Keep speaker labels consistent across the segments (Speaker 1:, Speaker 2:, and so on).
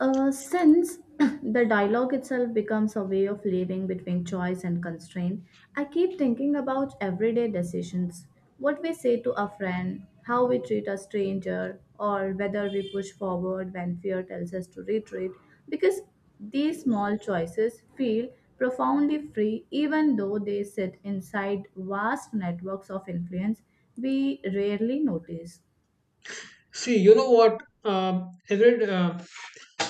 Speaker 1: Since the dialogue itself becomes a way of living between choice and constraint, I keep thinking about everyday decisions. What we say to a friend, how we treat a stranger, or whether we push forward when fear tells us to retreat, because these small choices feel profoundly free even though they sit inside vast networks of influence we rarely notice.
Speaker 2: See, you know what? Every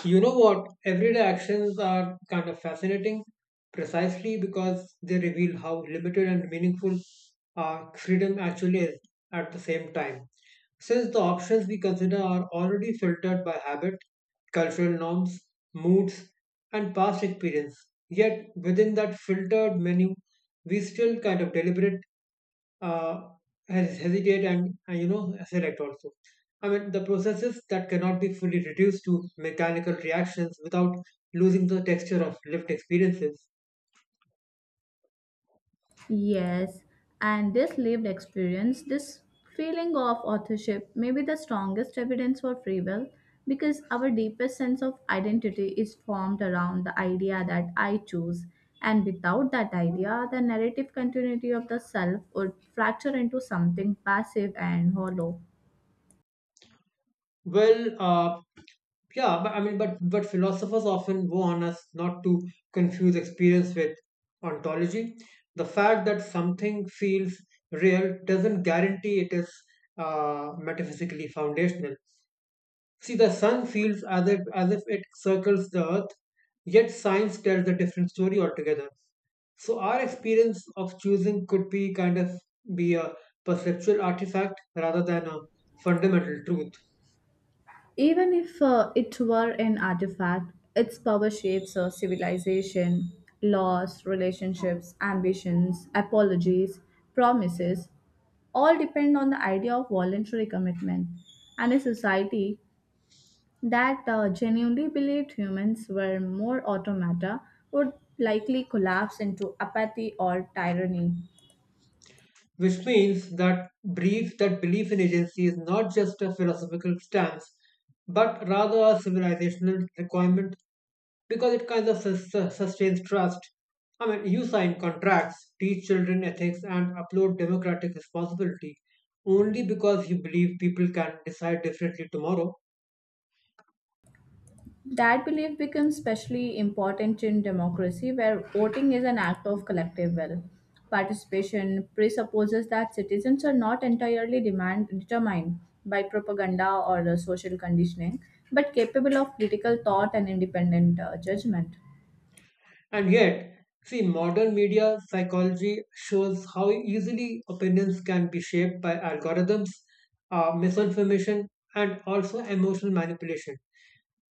Speaker 2: you know what? Everyday actions are kind of fascinating, precisely because they reveal how limited and meaningful our freedom actually is. At the same time, since the options we consider are already filtered by habit, cultural norms, moods, and past experience, yet within that filtered menu, we still kind of deliberate uh, hesitate and select also. I mean, the processes that cannot be fully reduced to mechanical reactions without losing the texture of lived experiences.
Speaker 1: Yes, and this lived experience, this feeling of authorship, may be the strongest evidence for free will because our deepest sense of identity is formed around the idea that I choose. And without that idea, the narrative continuity of the self would fracture into something passive and hollow.
Speaker 2: Well, yeah, but I mean but philosophers often warn us not to confuse experience with ontology. The fact that something feels real doesn't guarantee it is metaphysically foundational. See, the sun feels as if it circles the earth, yet science tells a different story altogether. So, our experience of choosing could be kind of be a perceptual artifact rather than a fundamental truth.
Speaker 1: Even if it were an artifact, its power shapes a civilization, laws, relationships, ambitions, apologies, promises, all depend on the idea of voluntary commitment and a society that genuinely believed humans were more automata would likely collapse into apathy or tyranny.
Speaker 2: Which means that brief that belief in agency is not just a philosophical stance, but rather a civilizational requirement, because it kind of sustains trust. I mean, you sign contracts, teach children ethics, and upload democratic responsibility only because you believe people can decide differently tomorrow.
Speaker 1: That belief becomes especially important in democracy, where voting is an act of collective will. Participation presupposes that citizens are not entirely demand, determined by propaganda or the social conditioning, but capable of critical thought and independent judgment.
Speaker 2: And yet, see, modern media psychology shows how easily opinions can be shaped by algorithms, misinformation, and also emotional manipulation.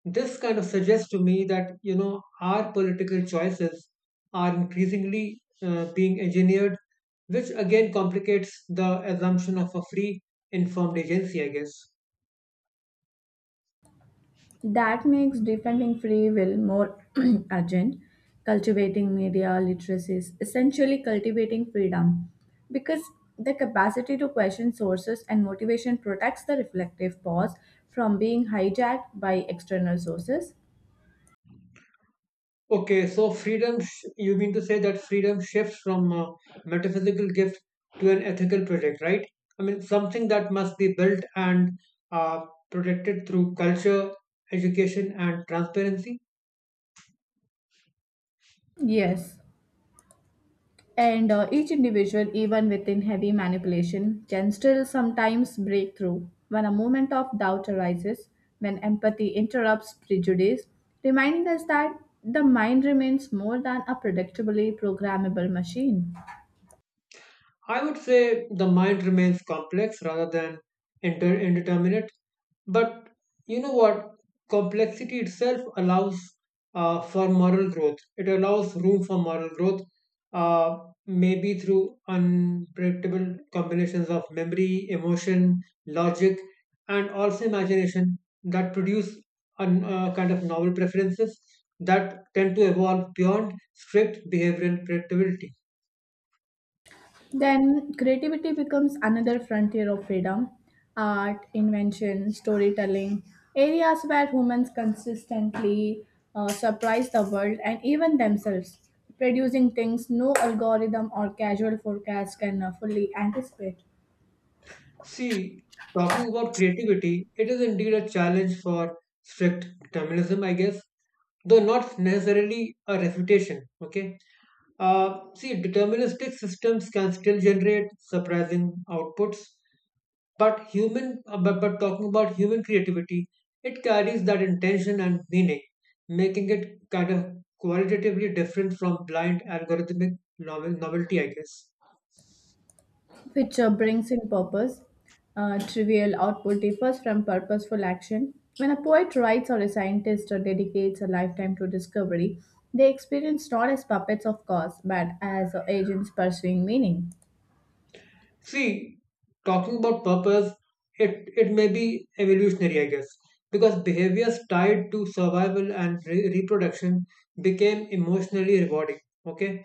Speaker 2: This kind of suggests to me that our political choices are increasingly being engineered, which again complicates the assumption of a free, informed agency, I guess.
Speaker 1: That makes defending free will more urgent. Cultivating media literacy is essentially cultivating freedom because the capacity to question sources and motivation protects the reflective pause from being hijacked by external sources.
Speaker 2: Okay, so freedom, you mean to say that freedom shifts from a metaphysical gift to an ethical project, right? I mean, something that must be built and uh, protected through culture, education, and transparency.
Speaker 1: Yes. And each individual, even within heavy manipulation, can still sometimes break through when a moment of doubt arises, when empathy interrupts prejudice, reminding us that the mind remains more than a predictably programmable machine.
Speaker 2: I would say the mind remains complex rather than indeterminate. But you know what? Complexity itself allows for moral growth. It allows room for moral growth, uh, maybe through unpredictable combinations of memory, emotion, logic, and also imagination that produce an, kind of novel preferences that tend to evolve beyond strict behavioral predictability.
Speaker 1: Then creativity becomes another frontier of freedom. Art, invention, storytelling, areas where humans consistently surprise the world and even themselves, producing things no algorithm or casual forecast can fully anticipate.
Speaker 2: See, talking about creativity, it is indeed a challenge for strict determinism, I guess, though not necessarily a refutation. Okay. See, deterministic systems can still generate surprising outputs, but talking about human creativity, it carries that intention and meaning, making it kind of qualitatively different from blind algorithmic novelty, I guess.
Speaker 1: Which brings in purpose. Trivial output differs from purposeful action. When a poet writes or a scientist dedicates a lifetime to discovery, they experience not as puppets of cause, but as agents pursuing meaning.
Speaker 2: See, talking about purpose, it may be evolutionary, I guess, because behaviors tied to survival and reproduction became emotionally rewarding. Okay,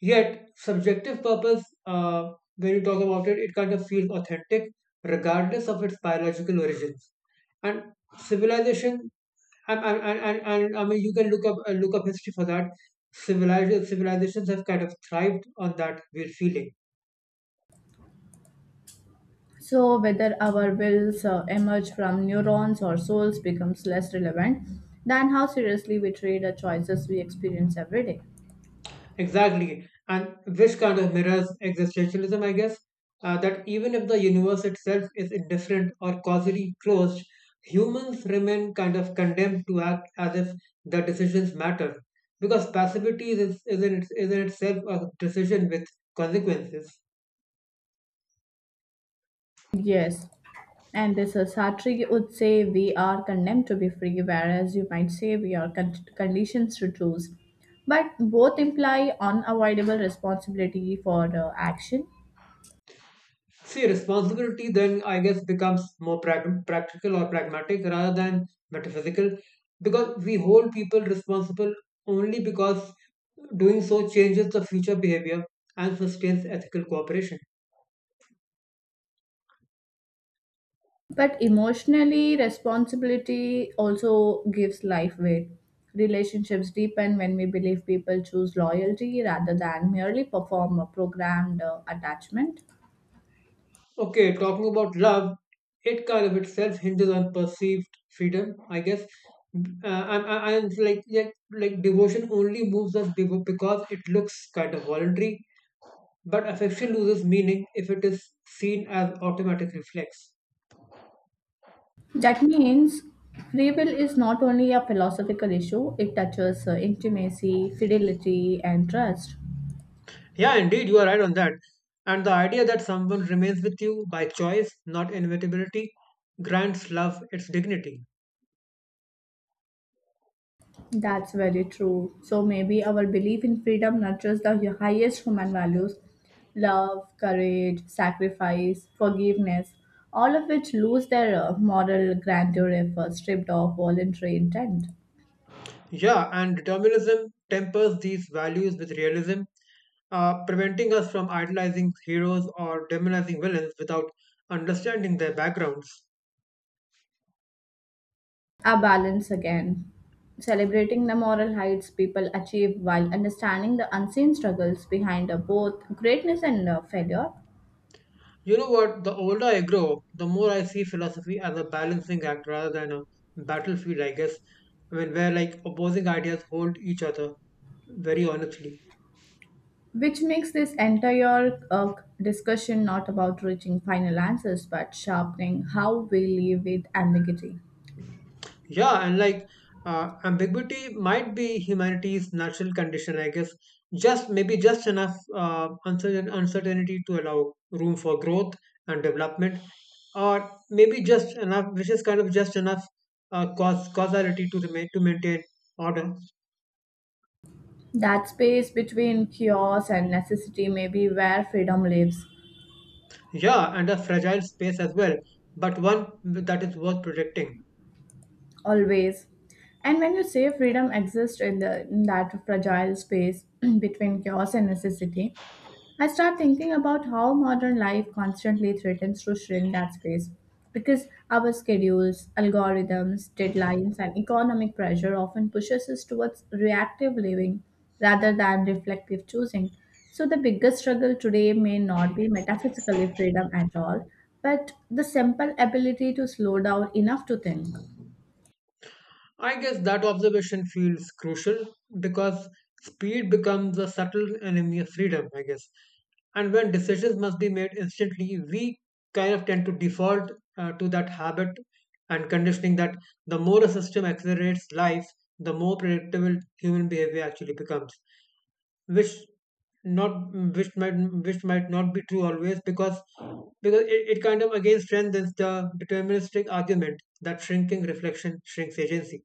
Speaker 2: yet subjective purpose, when you talk about it, it kind of feels authentic regardless of its biological origins. And civilization, and I mean, you can look up history for that. Civilized Civilizations have kind of thrived on that weird feeling.
Speaker 1: So, whether our wills emerge from neurons or souls becomes less relevant than how seriously we treat the choices we experience every day.
Speaker 2: Exactly. And this kind of mirrors existentialism, I guess, that even if the universe itself is indifferent or causally closed, humans remain kind of condemned to act as if their decisions matter. Because passivity is in itself a decision with consequences.
Speaker 1: Yes. And this Sartre would say we are condemned to be free, whereas you might say we are conditioned to choose. But both imply unavoidable responsibility for action.
Speaker 2: See, responsibility then, I guess, becomes more practical or pragmatic rather than metaphysical, because we hold people responsible only because doing so changes the future behavior and sustains ethical cooperation.
Speaker 1: But emotionally, responsibility also gives life weight. Relationships deepen when we believe people choose loyalty rather than merely perform a programmed attachment.
Speaker 2: Okay, talking about love, it kind of itself hinges on perceived freedom, I guess. And, and it's like, like devotion only moves us because it looks kind of voluntary, but affection loses meaning if it is seen as automatic reflex.
Speaker 1: That means free will is not only a philosophical issue, it touches intimacy, fidelity, and trust.
Speaker 2: Yeah, indeed, you are right on that. And the idea that someone remains with you by choice, not inevitability, grants love its dignity.
Speaker 1: That's very true. So maybe our belief in freedom nurtures the highest human values, love, courage, sacrifice, forgiveness, all of which lose their moral grandeur if stripped of voluntary intent.
Speaker 2: Yeah, and determinism tempers these values with realism, preventing us from idolizing heroes or demonizing villains without understanding their backgrounds.
Speaker 1: A balance again. Celebrating the moral heights people achieve while understanding the unseen struggles behind both greatness and failure,
Speaker 2: You know what? The older I grow, the more I see philosophy as a balancing act rather than a battlefield, I guess. I mean, where like opposing ideas hold each other very honestly.
Speaker 1: which makes this entire discussion not about reaching final answers but sharpening how we live with ambiguity.
Speaker 2: Yeah, and like ambiguity might be humanity's natural condition, I guess. Just maybe just enough uncertainty to allow room for growth and development, or maybe just enough, which is kind of just enough cause causality to remain to maintain order.
Speaker 1: That space between chaos and necessity may be where freedom lives,
Speaker 2: Yeah, and a fragile space as well, but one that is worth protecting.
Speaker 1: always. And when you say freedom exists in, the, in that fragile space between chaos and necessity, I start thinking about how modern life constantly threatens to shrink that space because our schedules, algorithms, deadlines, and economic pressure often pushes us towards reactive living rather than reflective choosing. So the biggest struggle today may not be metaphysically freedom at all, but the simple ability to slow down enough to think.
Speaker 2: I guess that observation feels crucial because speed becomes a subtle enemy of freedom, I guess. And when decisions must be made instantly, we kind of tend to default to that habit and conditioning. That the more a system accelerates life, the more predictable human behavior actually becomes, which not which might which might not be true always, because it kind of again strengthens the deterministic argument that shrinking reflection shrinks agency.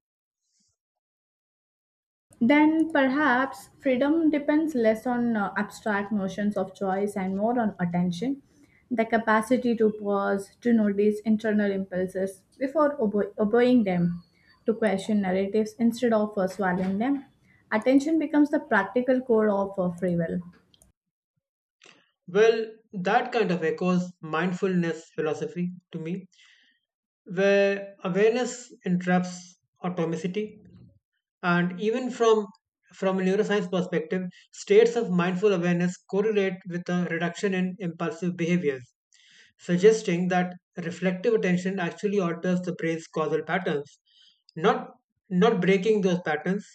Speaker 1: Then perhaps freedom depends less on abstract notions of choice and more on attention, the capacity to pause, to notice internal impulses before obeying them, to question narratives instead of swallowing them. Attention becomes the practical core of free will.
Speaker 2: Well, that kind of echoes mindfulness philosophy to me, where awareness interrupts automaticity. And even from a neuroscience perspective, states of mindful awareness correlate with a reduction in impulsive behaviors, suggesting that reflective attention actually alters the brain's causal patterns, not breaking those patterns,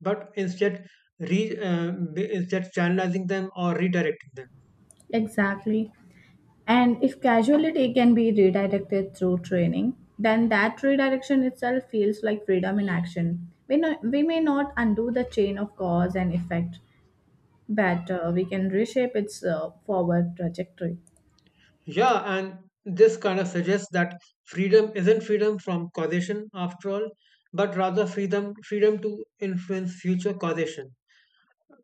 Speaker 2: but instead channelizing them or redirecting them.
Speaker 1: Exactly. And if casualty can be redirected through training, then that redirection itself feels like freedom in action. We, no, we may not undo the chain of cause and effect, but we can reshape its forward trajectory.
Speaker 2: Yeah, and this kind of suggests that freedom isn't freedom from causation after all, but rather freedom to influence future causation,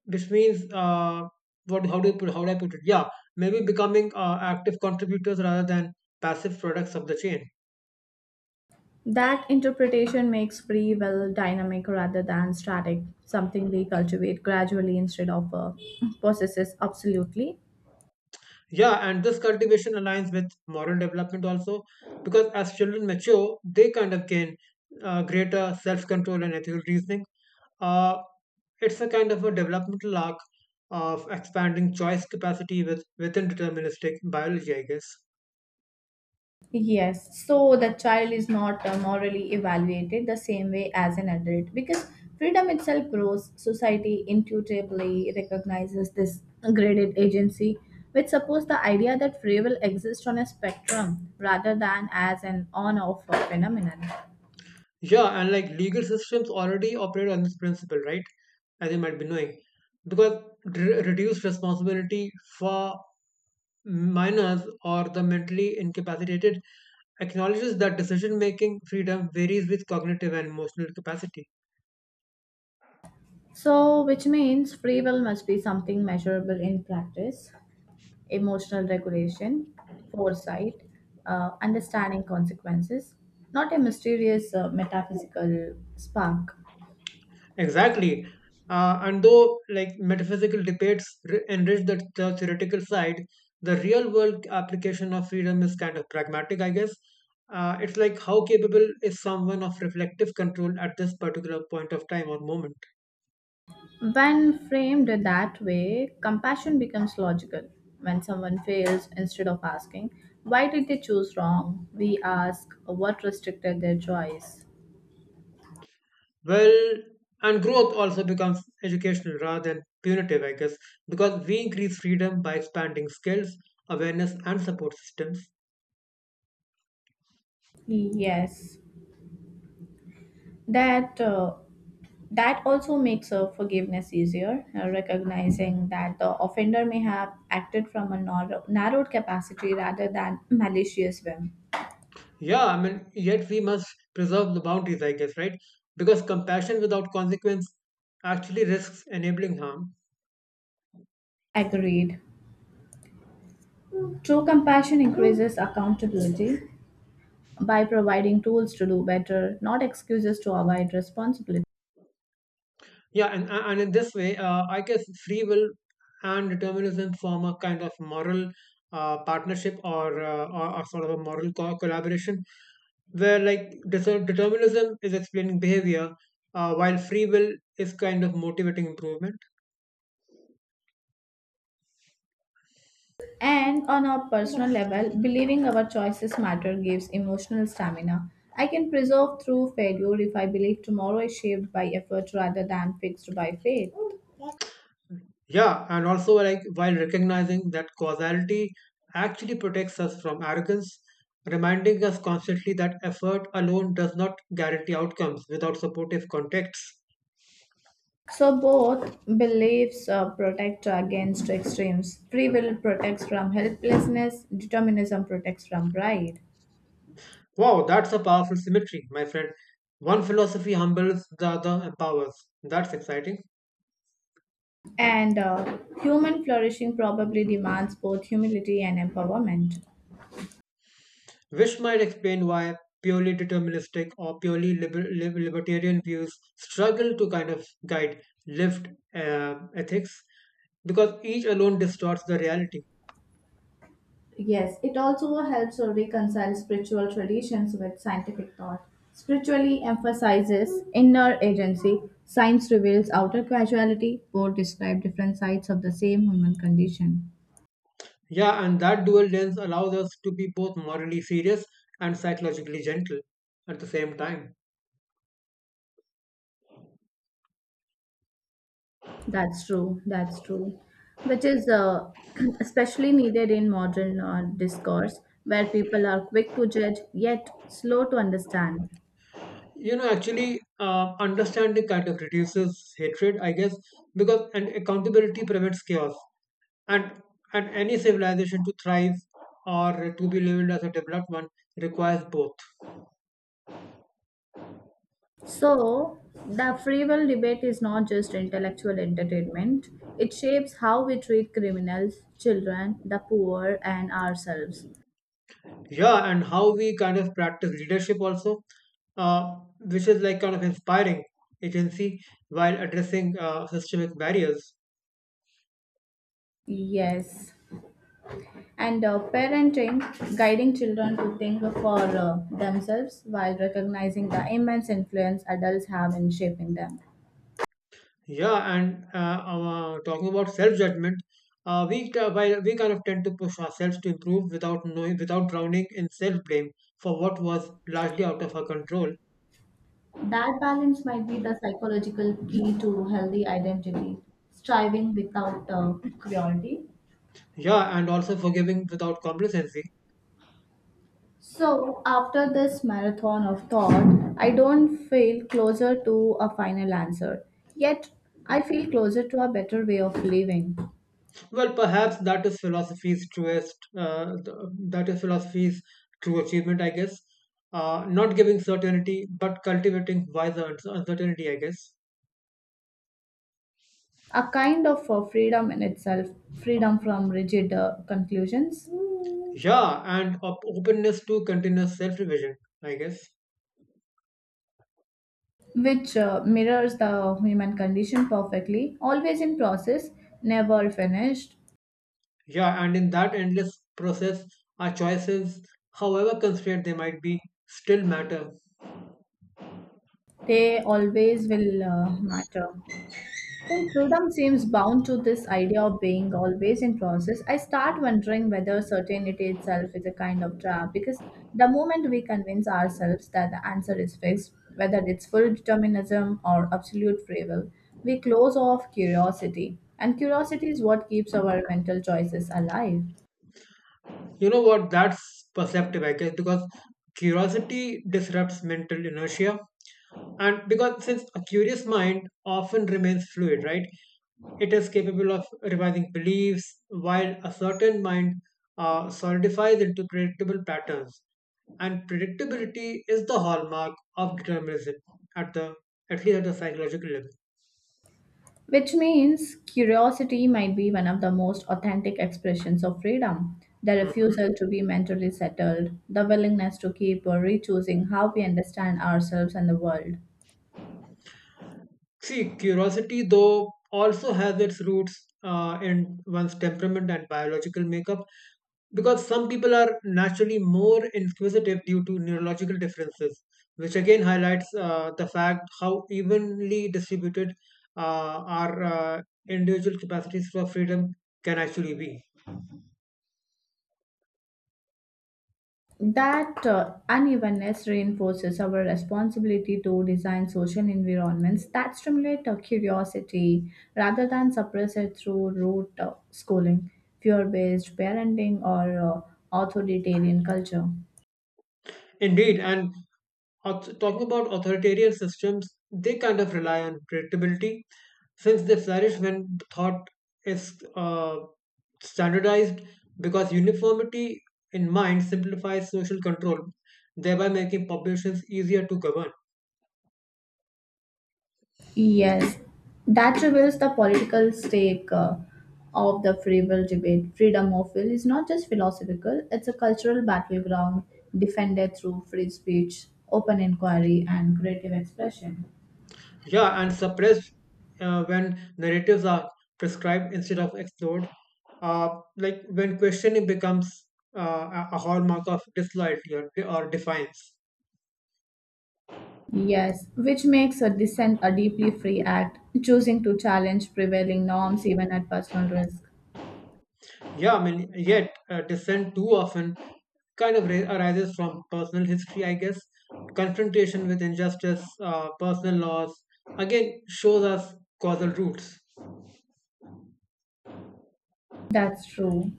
Speaker 2: which means what how do you put how do I put it? Yeah, maybe becoming active contributors rather than passive products of the chain.
Speaker 1: That interpretation makes free will dynamic rather than static, something we cultivate gradually instead of possesses absolutely.
Speaker 2: Yeah, and this cultivation aligns with moral development also, because as children mature, they kind of gain greater self-control and ethical reasoning. Uh, It's a kind of a developmental arc of expanding choice capacity within deterministic biology, I guess.
Speaker 1: Yes, so the child is not morally evaluated the same way as an adult because freedom itself grows. Society intuitively recognizes this graded agency, which supports the idea that free will exists on a spectrum rather than as an on off phenomenon.
Speaker 2: Yeah, and like legal systems already operate on this principle, right? As you might be knowing, because reduced responsibility for minors or the mentally incapacitated acknowledges that decision making freedom varies with cognitive and emotional capacity.
Speaker 1: So, which means free will must be something measurable in practice, emotional regulation, foresight, understanding consequences, not a mysterious metaphysical spark.
Speaker 2: Exactly. And though like metaphysical debates enrich the theoretical side, the real world application of freedom is kind of pragmatic, I guess. It's like how capable is someone of reflective control at this particular point of time or moment.
Speaker 1: When framed that way, compassion becomes logical. When someone fails, instead of asking, why did they choose wrong, we ask, what restricted their choice?
Speaker 2: Well, and growth also becomes educational rather than punitive, I guess, because we increase freedom by expanding skills, awareness, and support systems.
Speaker 1: Yes, that uh, That also makes forgiveness easier, recognizing that the offender may have acted from a narrow, narrowed capacity rather than malicious whim.
Speaker 2: Yeah, I mean, yet we must preserve the boundaries, I guess, right? Because compassion without consequence actually risks enabling harm.
Speaker 1: Agreed. True compassion increases accountability by providing tools to do better, not excuses to avoid responsibility.
Speaker 2: Yeah, and in this way, I guess free will and determinism form a kind of moral partnership or, or sort of a moral collaboration, where like determinism is explaining behavior, while free will is kind of motivating improvement.
Speaker 1: And on a personal level, believing our choices matter gives emotional stamina. I can persevere through failure if I believe tomorrow is shaped by effort rather than fixed by fate.
Speaker 2: Yeah, and also, like, while recognizing that causality actually protects us from arrogance, reminding us constantly that effort alone does not guarantee outcomes without supportive contexts.
Speaker 1: So both beliefs protect against extremes. Free will protects from helplessness, determinism protects from pride.
Speaker 2: Wow, that's a powerful symmetry, my friend. One philosophy humbles, the other empowers. That's exciting.
Speaker 1: And human flourishing probably demands both humility and empowerment.
Speaker 2: Which might explain why purely deterministic or purely libertarian views struggle to kind of guide lived ethics, because each alone distorts the reality.
Speaker 1: Yes, it also helps to reconcile spiritual traditions with scientific thought. Spiritually emphasizes inner agency, science reveals outer causality, both describe different sides of the same human condition.
Speaker 2: Yeah, and that dual lens allows us to be both morally serious and psychologically gentle at the same time.
Speaker 1: That's true. That's true. Which is especially needed in modern discourse, where people are quick to judge yet slow to understand.
Speaker 2: You know, actually, understanding kind of reduces hatred, I guess, because and accountability prevents chaos. And any civilization to thrive or to be labeled as a developed one requires both.
Speaker 1: So, the free will debate is not just intellectual entertainment, it shapes how we treat criminals, children, the poor, and ourselves.
Speaker 2: Yeah, and how we kind of practice leadership also, uh, which is like kind of inspiring agency while addressing systemic barriers.
Speaker 1: Yes. And parenting, guiding children to think for themselves while recognizing the immense influence adults have in shaping them.
Speaker 2: Yeah, and talking about self-judgment, while we kind of tend to push ourselves to improve without knowing, without drowning in self-blame for what was largely out of our control.
Speaker 1: That balance might be the psychological key to healthy identity, striving without cruelty.
Speaker 2: Yeah, and also forgiving without complacency.
Speaker 1: So, after this marathon of thought, I don't feel closer to a final answer. Yet, I feel closer to a better way of living,
Speaker 2: Well, perhaps that is that is philosophy's true achievement, I guess. Not giving certainty, but cultivating wiser uncertainty, I guess.
Speaker 1: a kind of freedom in itself, freedom from rigid conclusions,
Speaker 2: Yeah, and openness to continuous self-revision, I guess.
Speaker 1: which mirrors the human condition perfectly, always in process, never finished.
Speaker 2: Yeah, and in that endless process, our choices, however constrained they might be, still matter.
Speaker 1: They always will matter. So freedom seems bound to this idea of being always in process. I start wondering whether certainty itself is a kind of trap because the moment we convince ourselves that the answer is fixed, whether it's full determinism or absolute free will, we close off curiosity. And curiosity is what keeps our mental choices alive.
Speaker 2: You know what? That's perceptive, I guess, because curiosity disrupts mental inertia. And because since a curious mind often remains fluid, right? It is capable of revising beliefs, while a certain mind solidifies into predictable patterns. And predictability is the hallmark of determinism at the at least at the psychological level.
Speaker 1: Which means curiosity might be one of the most authentic expressions of freedom. The
Speaker 2: Mhm.
Speaker 1: refusal to be mentally settled, the willingness to keep or re-choosing how we understand ourselves and the world.
Speaker 2: See, curiosity, though, also has its roots in one's temperament and biological makeup, because some people are naturally more inquisitive due to neurological differences, which again highlights the fact how evenly distributed our individual capacities for freedom can actually be.
Speaker 1: That unevenness reinforces our responsibility to design social environments that stimulate our curiosity rather than suppress it through rote schooling, fear based parenting, or authoritarian culture.
Speaker 2: Indeed, and talking about authoritarian systems, they kind of rely on predictability, since they flourish when thought is standardized, because uniformity in mind simplifies social control, thereby making populations easier to govern.
Speaker 1: Yes, that reveals the political stake of the free will debate. Freedom of will is not just philosophical, it's a cultural battleground defended through free speech, open inquiry, and creative expression.
Speaker 2: Yeah, and suppressed when narratives are prescribed instead of explored. Uh, like when questioning becomes a hallmark of disloyalty or defiance.
Speaker 1: Yes, which makes a dissent a deeply free act, choosing to challenge prevailing norms even at personal risk.
Speaker 2: Yeah, yet dissent too often arises from personal history, I guess. Confrontation with injustice, personal loss, again, shows us causal roots.
Speaker 1: That's true.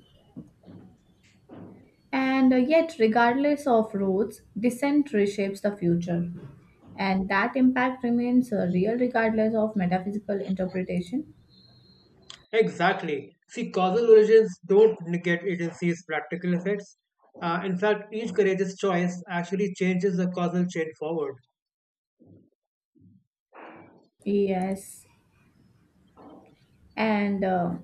Speaker 1: And yet, regardless of routes, dissent reshapes the future. And that impact remains real regardless of metaphysical interpretation.
Speaker 2: Exactly. See, causal origins don't negate agency's practical effects. In fact, each courageous choice actually changes the causal chain forward.
Speaker 1: Yes. And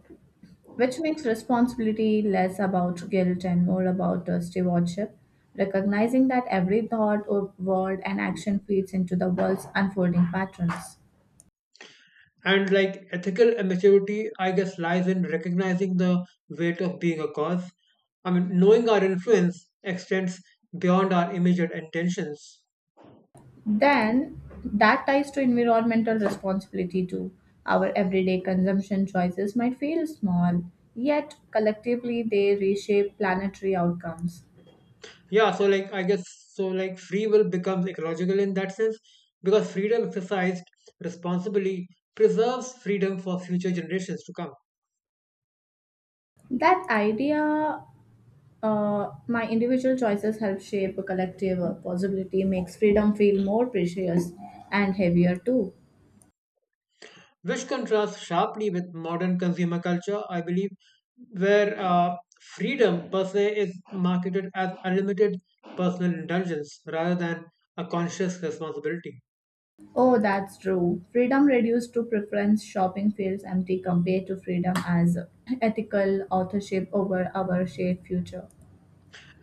Speaker 1: which makes responsibility less about guilt and more about stewardship, recognizing that every thought or word and action feeds into the world's unfolding patterns.
Speaker 2: And like ethical maturity, I guess, lies in recognizing the weight of being a cause. I mean, knowing our influence extends beyond our immediate intentions.
Speaker 1: Then that ties to environmental responsibility too. Our everyday consumption choices might feel small, yet collectively they reshape planetary outcomes.
Speaker 2: Yeah, so like, I guess, so like free will becomes ecological in that sense because freedom exercised responsibly preserves freedom for future generations to come.
Speaker 1: That idea, my individual choices help shape a collective possibility, makes freedom feel more precious and heavier too.
Speaker 2: Which contrasts sharply with modern consumer culture, I believe, where freedom per se is marketed as unlimited personal indulgence rather than a conscious responsibility.
Speaker 1: Oh, that's true. Freedom reduced to preference shopping feels empty compared to freedom as ethical authorship over our shared future.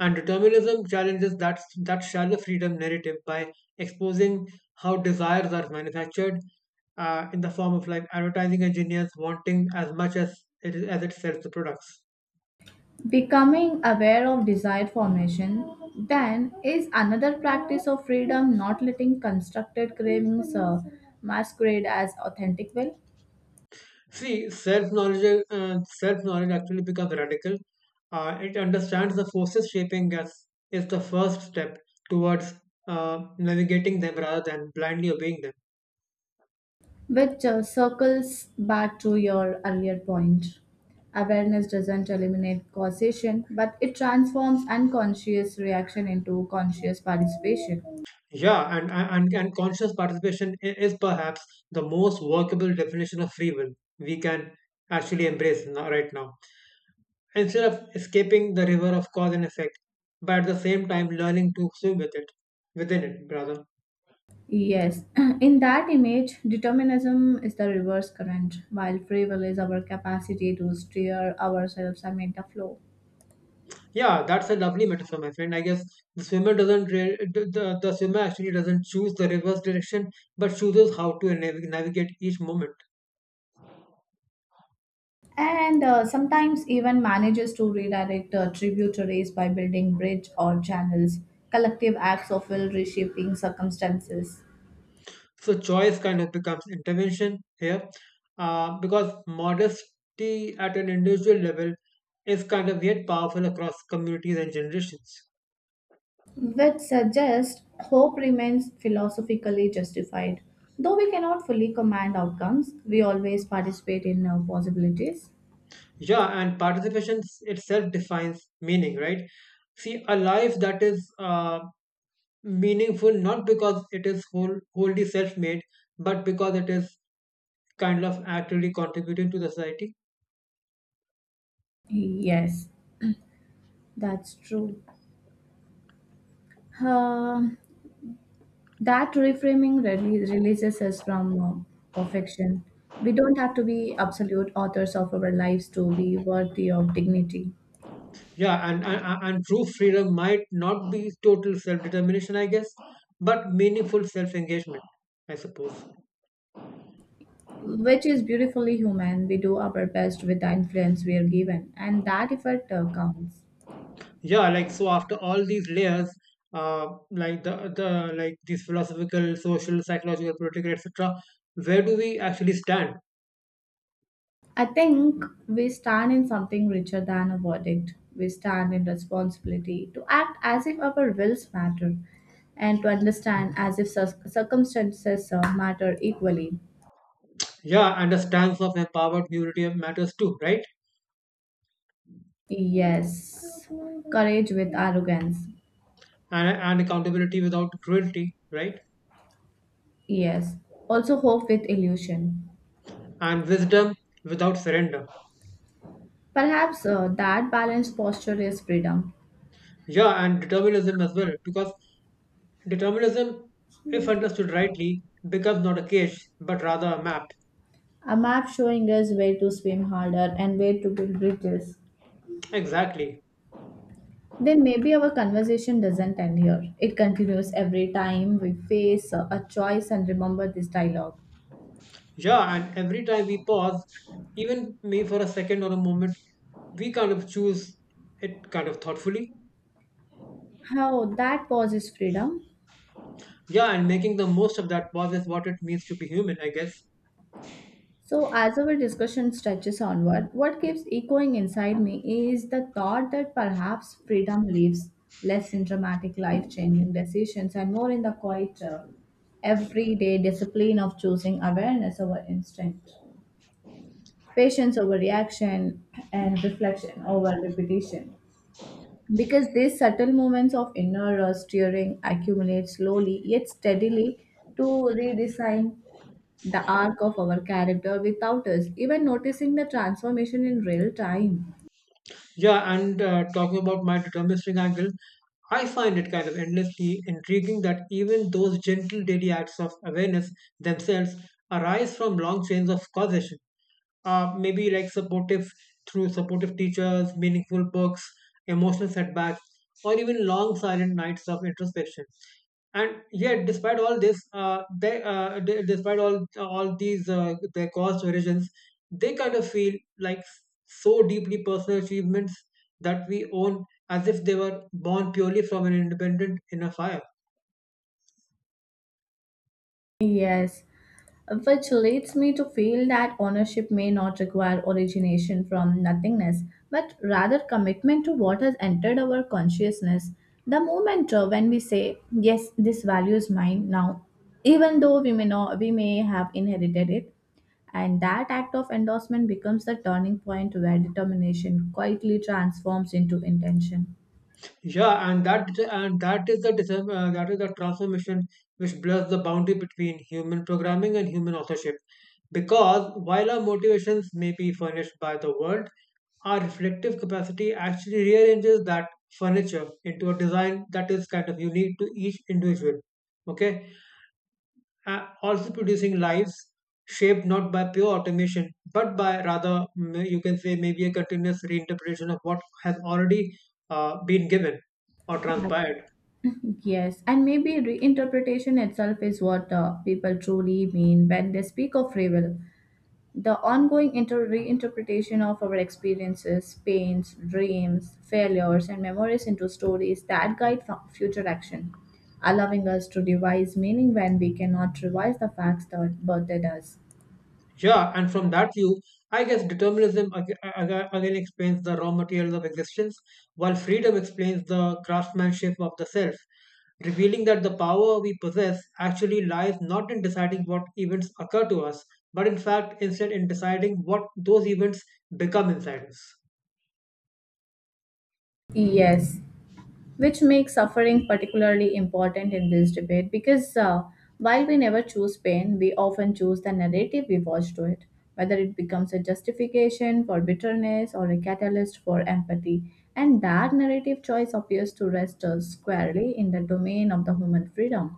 Speaker 2: And determinism challenges that shallow freedom narrative by exposing how desires are manufactured in the form of like advertising engineers wanting as much as it sells the products.
Speaker 1: Becoming aware of desired formation, then, is another practice of freedom, not letting constructed cravings masquerade as authentic will,
Speaker 2: See, self knowledge actually becomes radical. It understands the forces shaping us is the first step towards navigating them rather than blindly obeying them.
Speaker 1: which circles back to your earlier point. Awareness doesn't eliminate causation, but it transforms unconscious reaction into conscious participation.
Speaker 2: Yeah, and conscious participation is perhaps the most workable definition of free will we can actually embrace now, right now. Instead of escaping the river of cause and effect, but at the same time learning to swim with it, within it, rather.
Speaker 1: Yes, in that image, determinism is the reverse current, while free will is our capacity to steer ourselves amid the flow.
Speaker 2: Yeah, that's a lovely metaphor, my friend. I guess the swimmer actually doesn't choose the reverse direction, but chooses how to navigate each moment.
Speaker 1: And sometimes even manages to redirect tributaries by building bridge or channels, collective acts of will reshaping circumstances,
Speaker 2: So choice kind of becomes intervention here, because modesty at an individual level is kind of yet powerful across communities and generations.
Speaker 1: which suggests hope remains philosophically justified, though we cannot fully command outcomes, we always participate in possibilities.
Speaker 2: Yeah, and participation itself defines meaning, right? See, a life that is meaningful not because it is wholly self-made but because it is kind of actively contributing to the society.
Speaker 1: Yes, that's true. Uh, That reframing really releases us from perfection. We don't have to be absolute authors of our lives to be worthy of dignity,
Speaker 2: Yeah, and true freedom might not be total self-determination, I guess, but meaningful self-engagement, I suppose.
Speaker 1: which is beautifully human. We do our best with the influence we are given, and that effort counts.
Speaker 2: Yeah, like so after all these layers, like these philosophical, social, psychological, political, etc., where do we actually stand?
Speaker 1: I think we stand in something richer than a verdict. We stand in responsibility to act as if our wills matter and to understand as if circumstances matter equally.
Speaker 2: Yeah, and the stance of empowered community matters too, right?
Speaker 1: Yes. Courage with arrogance.
Speaker 2: And accountability without cruelty, right?
Speaker 1: Yes. Also, hope with illusion.
Speaker 2: And wisdom without surrender.
Speaker 1: Perhaps that balanced posture is freedom.
Speaker 2: Yeah, and determinism as well, because determinism, if understood rightly, becomes not a cage, but rather a map.
Speaker 1: A map showing us where to swim harder and where to build bridges.
Speaker 2: Exactly.
Speaker 1: Then maybe our conversation doesn't end here. It continues every time we face a choice and remember this dialogue.
Speaker 2: Yeah, and every time we pause, even me for a second or a moment, we kind of choose it kind of thoughtfully.
Speaker 1: How that pause is freedom.
Speaker 2: Yeah, and making the most of that pause is what it means to be human, I guess.
Speaker 1: So, as our discussion stretches onward, what keeps echoing inside me is the thought that perhaps freedom lives less in dramatic life changing decisions and more in the quiet, everyday discipline of choosing awareness over instinct, patience over reaction, and reflection over repetition. Because these subtle moments of inner steering accumulate slowly yet steadily to redesign the arc of our character without us even noticing the transformation in real time.
Speaker 2: Yeah, and talking about my deterministic angle, I find it kind of endlessly intriguing that even those gentle daily acts of awareness themselves arise from long chains of causation. Maybe like supportive through supportive teachers, meaningful books, emotional setbacks, or even long silent nights of introspection. And yet despite all this they de- despite all these their cost origins, they kind of feel like so deeply personal achievements that we own, as if they were born purely from an independent inner fire.
Speaker 1: Yes, which leads me to feel that ownership may not require origination from nothingness, but rather commitment to what has entered our consciousness. The moment when we say, yes, this value is mine now, even though we may, not, we may have inherited it, and that act of endorsement becomes the turning point where determination quietly transforms into intention.
Speaker 2: Yeah, and that is the transformation which blurs the boundary between human programming and human authorship. Because while our motivations may be furnished by the world, our reflective capacity actually rearranges that furniture into a design that is kind of unique to each individual. Okay, also producing lives shaped not by pure automation but by rather, you can say, maybe a continuous reinterpretation of what has already been given or transpired.
Speaker 1: Yes, and maybe reinterpretation itself is what people truly mean when they speak of free will. The ongoing reinterpretation of our experiences, pains, dreams, failures, and memories into stories that guide future action, allowing us to devise meaning when we cannot revise the facts that birthed us.
Speaker 2: Yeah, and from that view, I guess determinism again explains the raw materials of existence while freedom explains the craftsmanship of the self, revealing that the power we possess actually lies not in deciding what events occur to us, but in fact, instead, in deciding what those events become inside us.
Speaker 1: Yes, which makes suffering particularly important in this debate because while we never choose pain, we often choose the narrative we watch to it, whether it becomes a justification for bitterness or a catalyst for empathy. And that narrative choice appears to rest squarely in the domain of the human freedom.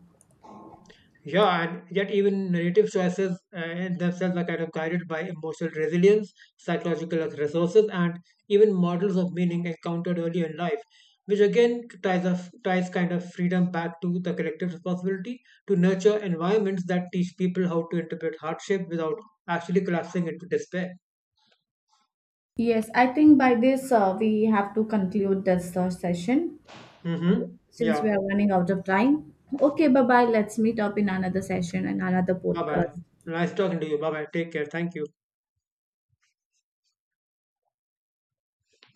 Speaker 2: Yeah, and yet even narrative choices in themselves are kind of guided by emotional resilience, psychological resources, and even models of meaning encountered earlier in life, which again ties kind of freedom back to the collective responsibility to nurture environments that teach people how to interpret hardship without actually collapsing into despair.
Speaker 1: Yes, I think by this we have to conclude this session uh,
Speaker 2: Mm-hmm.
Speaker 1: since we
Speaker 2: Yeah.
Speaker 1: are running out of time. Okay, bye bye. Let's meet up in another session and another
Speaker 2: Bye bye.
Speaker 1: podcast.
Speaker 2: Nice talking to you. Bye bye. Take care. Thank you.